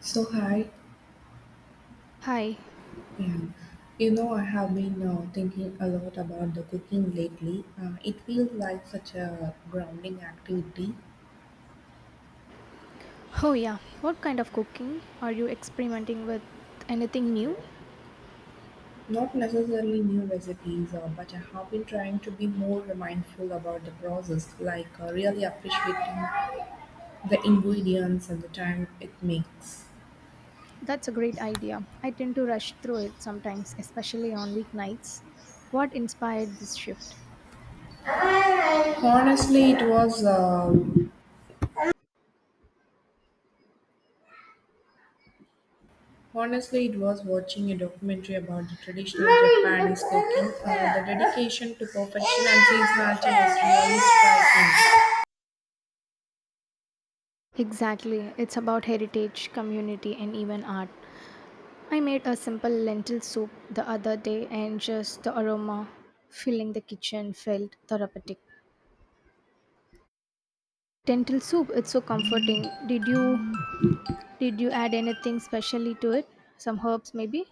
So hi, Hi. yeah. I have been thinking a lot about the cooking lately. It feels like such a grounding activity. Oh, yeah. What kind of cooking? Are you experimenting with anything new? Not necessarily new recipes, but I have been trying to be more mindful about the process, like really appreciating the ingredients and the time it makes. That's a great idea. I tend to rush through it sometimes, especially on weeknights. What inspired this shift? Honestly, it was uh, Honestly, it was watching a documentary about the traditional Japanese cooking. The dedication to perfection and seasonality was really striking. Exactly. It's about heritage, community, and even art. I made a simple lentil soup the other day, and just the aroma filling the kitchen felt therapeutic. Lentil soup, it's so comforting. Did you add anything specially to it? Some herbs maybe?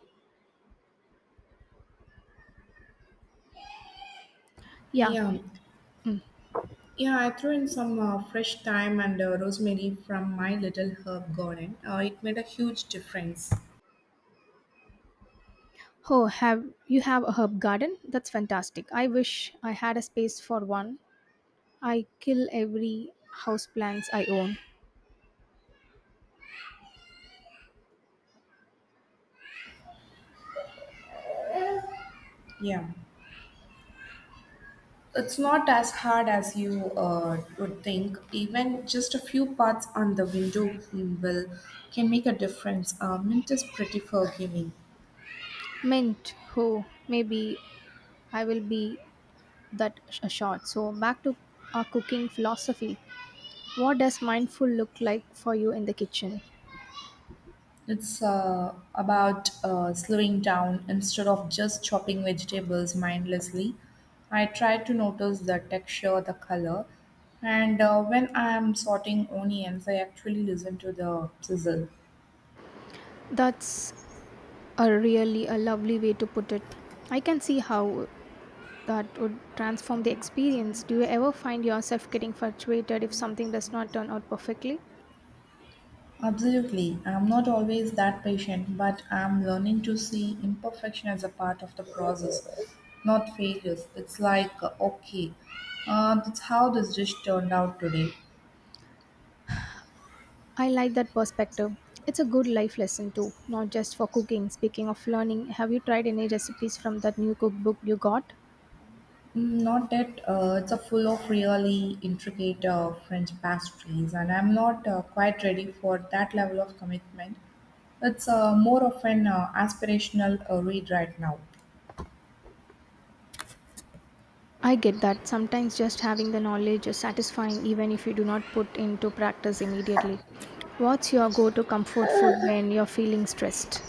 Yeah. Yeah, yeah. I threw in some fresh thyme and rosemary from my little herb garden. It made a huge difference. Oh, have a herb garden? That's fantastic. I wish I had a space for one. I kill every houseplants I own. Yeah. It's not as hard as you would think. Even just a few parts on the window will can make a difference. Mint is pretty forgiving. Mint. Oh, maybe I will be that a shot. So back to our cooking philosophy. What does mindful look like for you in the kitchen? It's about slowing down instead of just chopping vegetables mindlessly. I try to notice the texture, the color, and when I'm sorting onions, I actually listen to the sizzle. That's a really a lovely way to put it. I can see how that would transform the experience. Do you ever find yourself getting frustrated if something does not turn out perfectly? Absolutely, I'm not always that patient, but I'm learning to see imperfection as a part of the process, not failures. It's like, okay, that's how this dish turned out today. I like that perspective. It's a good life lesson too, not just for cooking. Speaking of learning, have you tried any recipes from that new cookbook you got? Not that it's a full of really intricate French pastries, and I'm not quite ready for that level of commitment. It's more of an aspirational read right now. I get that. Sometimes just having the knowledge is satisfying even if you do not put into practice immediately. What's your go to comfort food when you're feeling stressed?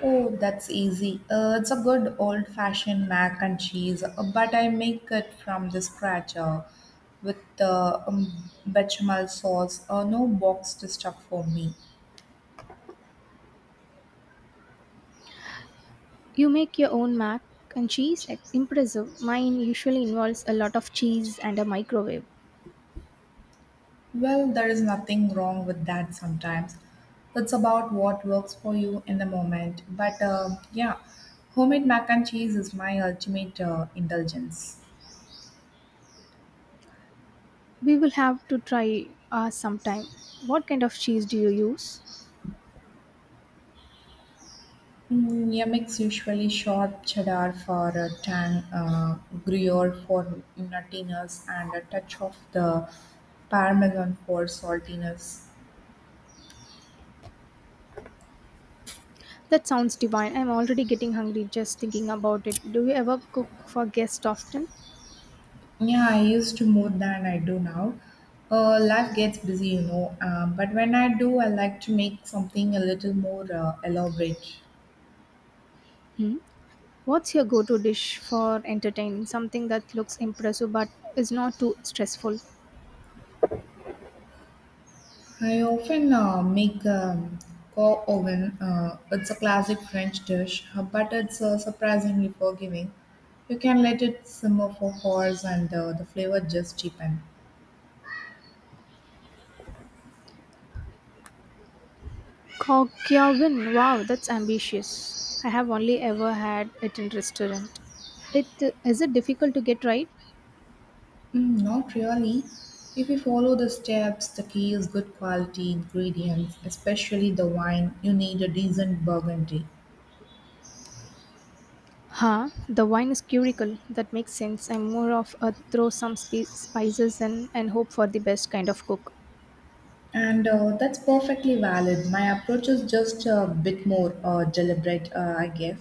Oh, that's easy. It's a good old fashioned mac and cheese, but I make it from the scratch with bechamel sauce, no boxed stuff for me. You make your own mac and cheese? Impressive. Mine usually involves a lot of cheese and a microwave. Well, there is nothing wrong with that sometimes. It's about what works for you in the moment. But yeah, homemade mac and cheese is my ultimate indulgence. We will have to try ours sometime. What kind of cheese do you use? Yeah, mix usually sharp cheddar for a tang, gruyere for nuttiness, and a touch of the parmesan for saltiness. That sounds divine. I'm already getting hungry just thinking about it. Do you ever cook for guests often? Yeah, I used to more than I do now. Life gets busy, you know. But when I do, I like to make something a little more elaborate. Hmm? What's your go to dish for entertaining? Something that looks impressive but is not too stressful. I often make co oven. It's a classic French dish, but it's surprisingly forgiving. You can let it simmer for hours, and the flavor just cheapen. Kokyawin. Wow, that's ambitious. I have only ever had it in restaurant. It is it difficult to get right? Not really. If you follow the steps, the key is good quality ingredients, especially the wine. You need a decent burgundy. Huh? The wine is curical. That makes sense. I'm more of a throw some spices in and hope for the best kind of cook. And that's perfectly valid. My approach is just a bit more deliberate, I guess.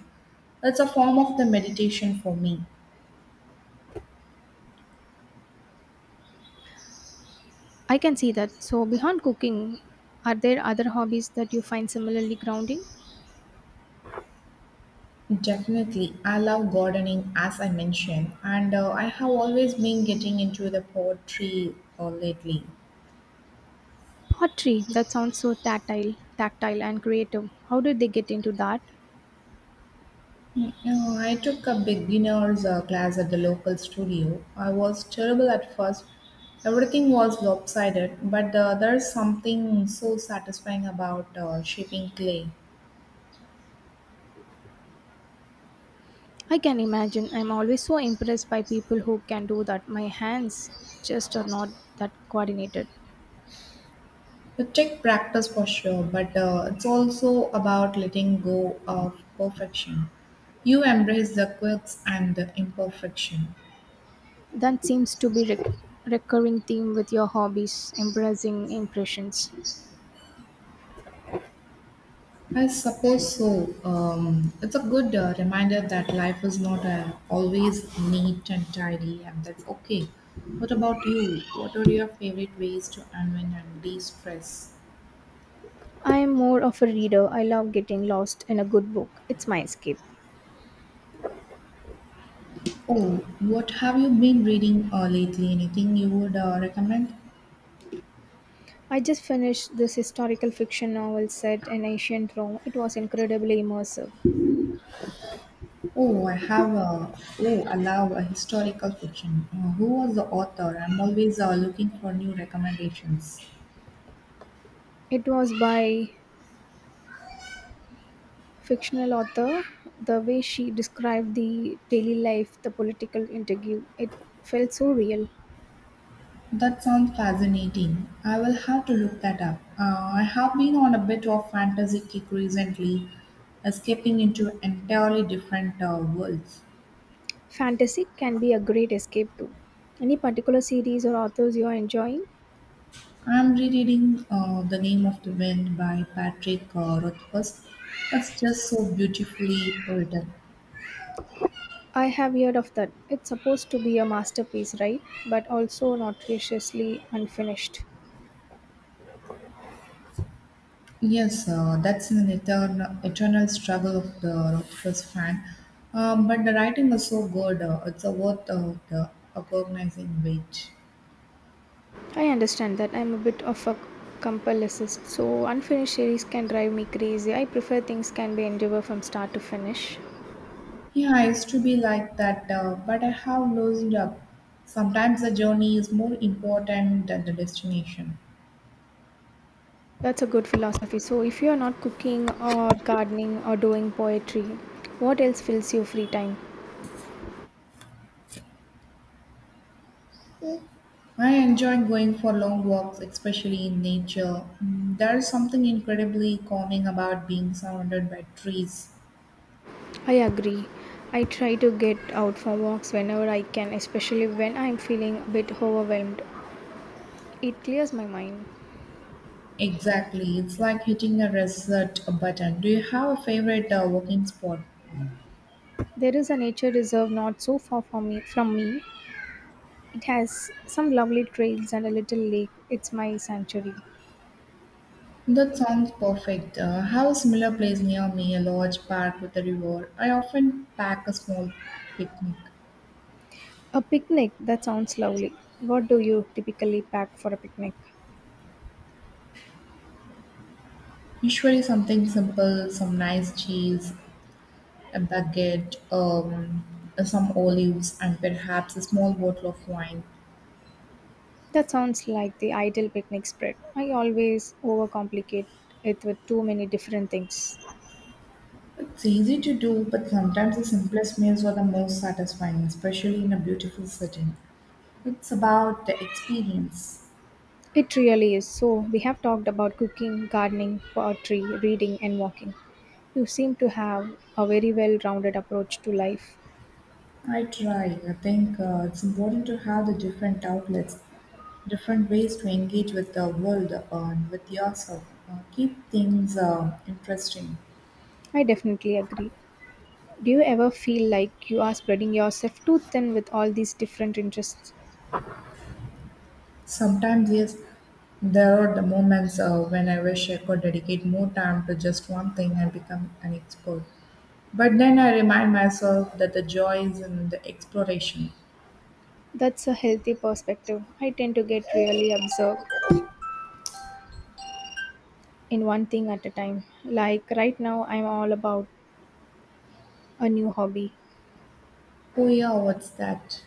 It's a form of the meditation for me. I can see that. So, beyond cooking, are there other hobbies that you find similarly grounding? Definitely, I love gardening as I mentioned, and I have always been getting into the poetry lately. Pottery, that sounds so tactile and creative. How did they get into that? I took a beginner's class at the local studio. I was terrible at first. Everything was lopsided, but there's something so satisfying about shaping clay. I can imagine. I'm always so impressed by people who can do that. My hands just are not that coordinated. It takes practice for sure, but it's also about letting go of perfection. You embrace the quirks and the imperfection. That seems to be recurring theme with your hobbies, embracing impressions. I suppose so. It's a good reminder that life is not always neat and tidy, and that's okay. What about you? What are your favorite ways to unwind and de stress? I am more of a reader. I love getting lost in a good book. It's my escape. Oh, what have you been reading lately? Anything you would recommend? I just finished this historical fiction novel set in ancient Rome. It was incredibly immersive. Oh, I have a oh, I love a historical fiction. Who was the author? I'm always looking for new recommendations. It was by fictional author. The way she described the daily life, the political interview, it felt so real. That sounds fascinating. I will have to look that up. I have been on a bit of fantasy kick recently, escaping into entirely different worlds. Fantasy can be a great escape too. Any particular series or authors you are enjoying? I'm rereading The Name of the Wind by Patrick Rothfuss. It's just so beautifully written. I have heard of that. It's supposed to be a masterpiece, right? But also notoriously unfinished. Yes, that's an eternal struggle of the Rockfest fan. But the writing is so good, it's a worth of the agonizing wait. I understand that I'm a bit of a compulsist, so unfinished series can drive me crazy. I prefer things can be endeavor from start to finish. Yeah, I used to be like that, but I have loosened up. Sometimes the journey is more important than the destination. That's a good philosophy. So if you are not cooking or gardening or doing poetry, what else fills your free time? I enjoy going for long walks, especially in nature. There is something incredibly calming about being surrounded by trees. I agree. I try to get out for walks whenever I can, especially when I'm feeling a bit overwhelmed. It clears my mind. Exactly. It's like hitting a reset button. Do you have a favorite walking spot? There is a nature reserve not so far from me. It has some lovely trails and a little lake. It's my sanctuary. That sounds perfect. I have a similar place near me, a large park with a river. I often pack a small picnic. A picnic? That sounds lovely. What do you typically pack for a picnic? Usually something simple, some nice cheese, a baguette, some olives, and perhaps a small bottle of wine. That sounds like the ideal picnic spread. I always overcomplicate it with too many different things. It's easy to do, but sometimes the simplest meals are the most satisfying, especially in a beautiful setting. It's about the experience. It really is. So, we have talked about cooking, gardening, poetry, reading, and walking. You seem to have a very well rounded approach to life. I try. I think it's important to have the different outlets, different ways to engage with the world and with yourself. Keep things interesting. I definitely agree. Do you ever feel like you are spreading yourself too thin with all these different interests? Sometimes, yes, there are the moments when I wish I could dedicate more time to just one thing and become an expert. But then I remind myself that the joy is in the exploration. That's a healthy perspective. I tend to get really absorbed in one thing at a time. Like right now, I'm all about a new hobby. Oh, yeah, what's that?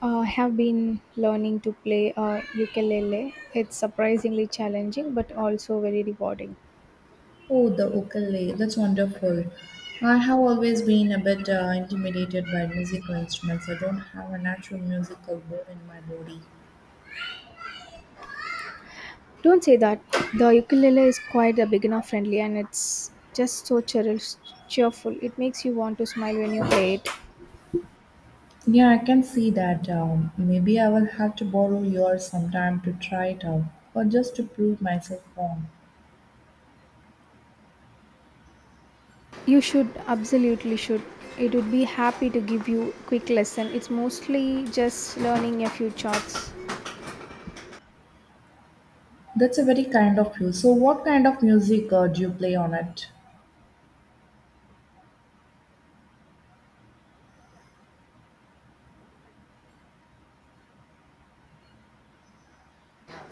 I have been learning to play a ukulele. It's surprisingly challenging but also very rewarding. Oh, the ukulele. That's wonderful. I have always been a bit intimidated by musical instruments. I don't have a natural musical bone in my body. Don't say that. The ukulele is quite a beginner friendly and it's just so cheerful. It makes you want to smile when you play it. Yeah, I can see that. Maybe I will have to borrow yours sometime to try it out, or just to prove myself wrong. You should absolutely should. It would be happy to give you quick lesson. It's mostly just learning a few chords. That's a very kind of you. So, what kind of music do you play on it?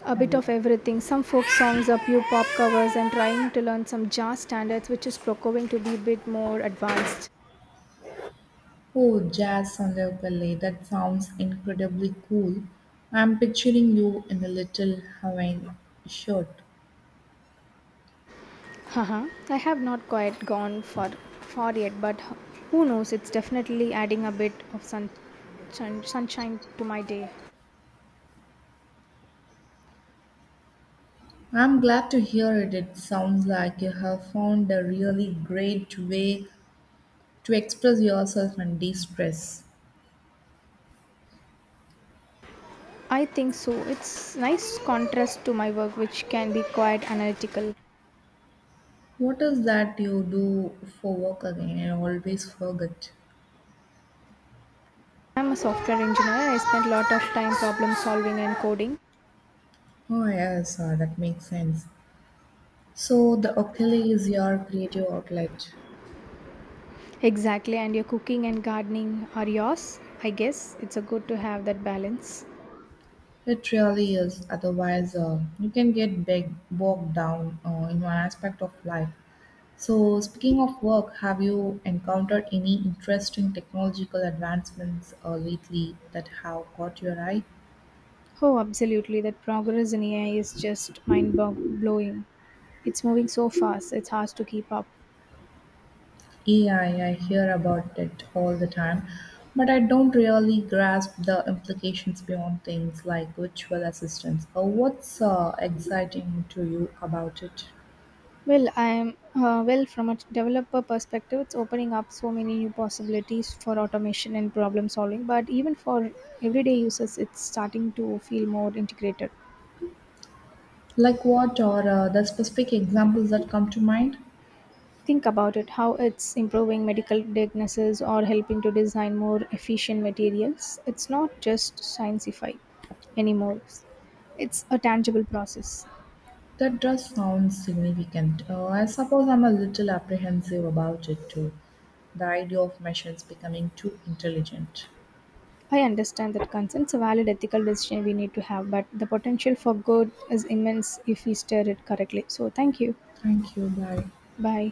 A bit Hello. of everything, some folk songs, a few pop covers, and trying to learn some jazz standards, which is procuring to be a bit more advanced. Oh, jazz on the ukulele. That sounds incredibly cool. I'm picturing you in a little Hawaiian shirt. Haha. I have not quite gone for far yet, but who knows. It's definitely adding a bit of sunshine to my day. I'm glad to hear it. It sounds like you have found a really great way to express yourself and de stress. I think so. It's nice contrast to my work, which can be quite analytical. What is that you do for work again? I always forget. I'm a software engineer. I spend a lot of time problem solving and coding. Oh, yes, that makes sense. So, the ukulele is your creative outlet. Exactly, and your cooking and gardening are yours. I guess it's a good to have that balance. It really is. Otherwise, you can get big, bogged down in one aspect of life. So, speaking of work, have you encountered any interesting technological advancements lately that have caught your eye? Oh, absolutely. That progress in AI is just mind blowing. It's moving so fast, it's hard to keep up. AI, I hear about it all the time, but I don't really grasp the implications beyond things like virtual assistants. What's exciting to you about it? Well, I am from a developer perspective, it's opening up so many new possibilities for automation and problem solving, but even for everyday users, it's starting to feel more integrated. Like what are the specific examples that come to mind? Think about it how it's improving medical diagnosis or helping to design more efficient materials. It's not just scienceified anymore, it's a tangible process. That does sound significant. I suppose I'm a little apprehensive about it too. The idea of machines becoming too intelligent. I understand that concerns a valid ethical decision we need to have, but the potential for good is immense if we steer it correctly. So, thank you. Thank you. Bye. Bye.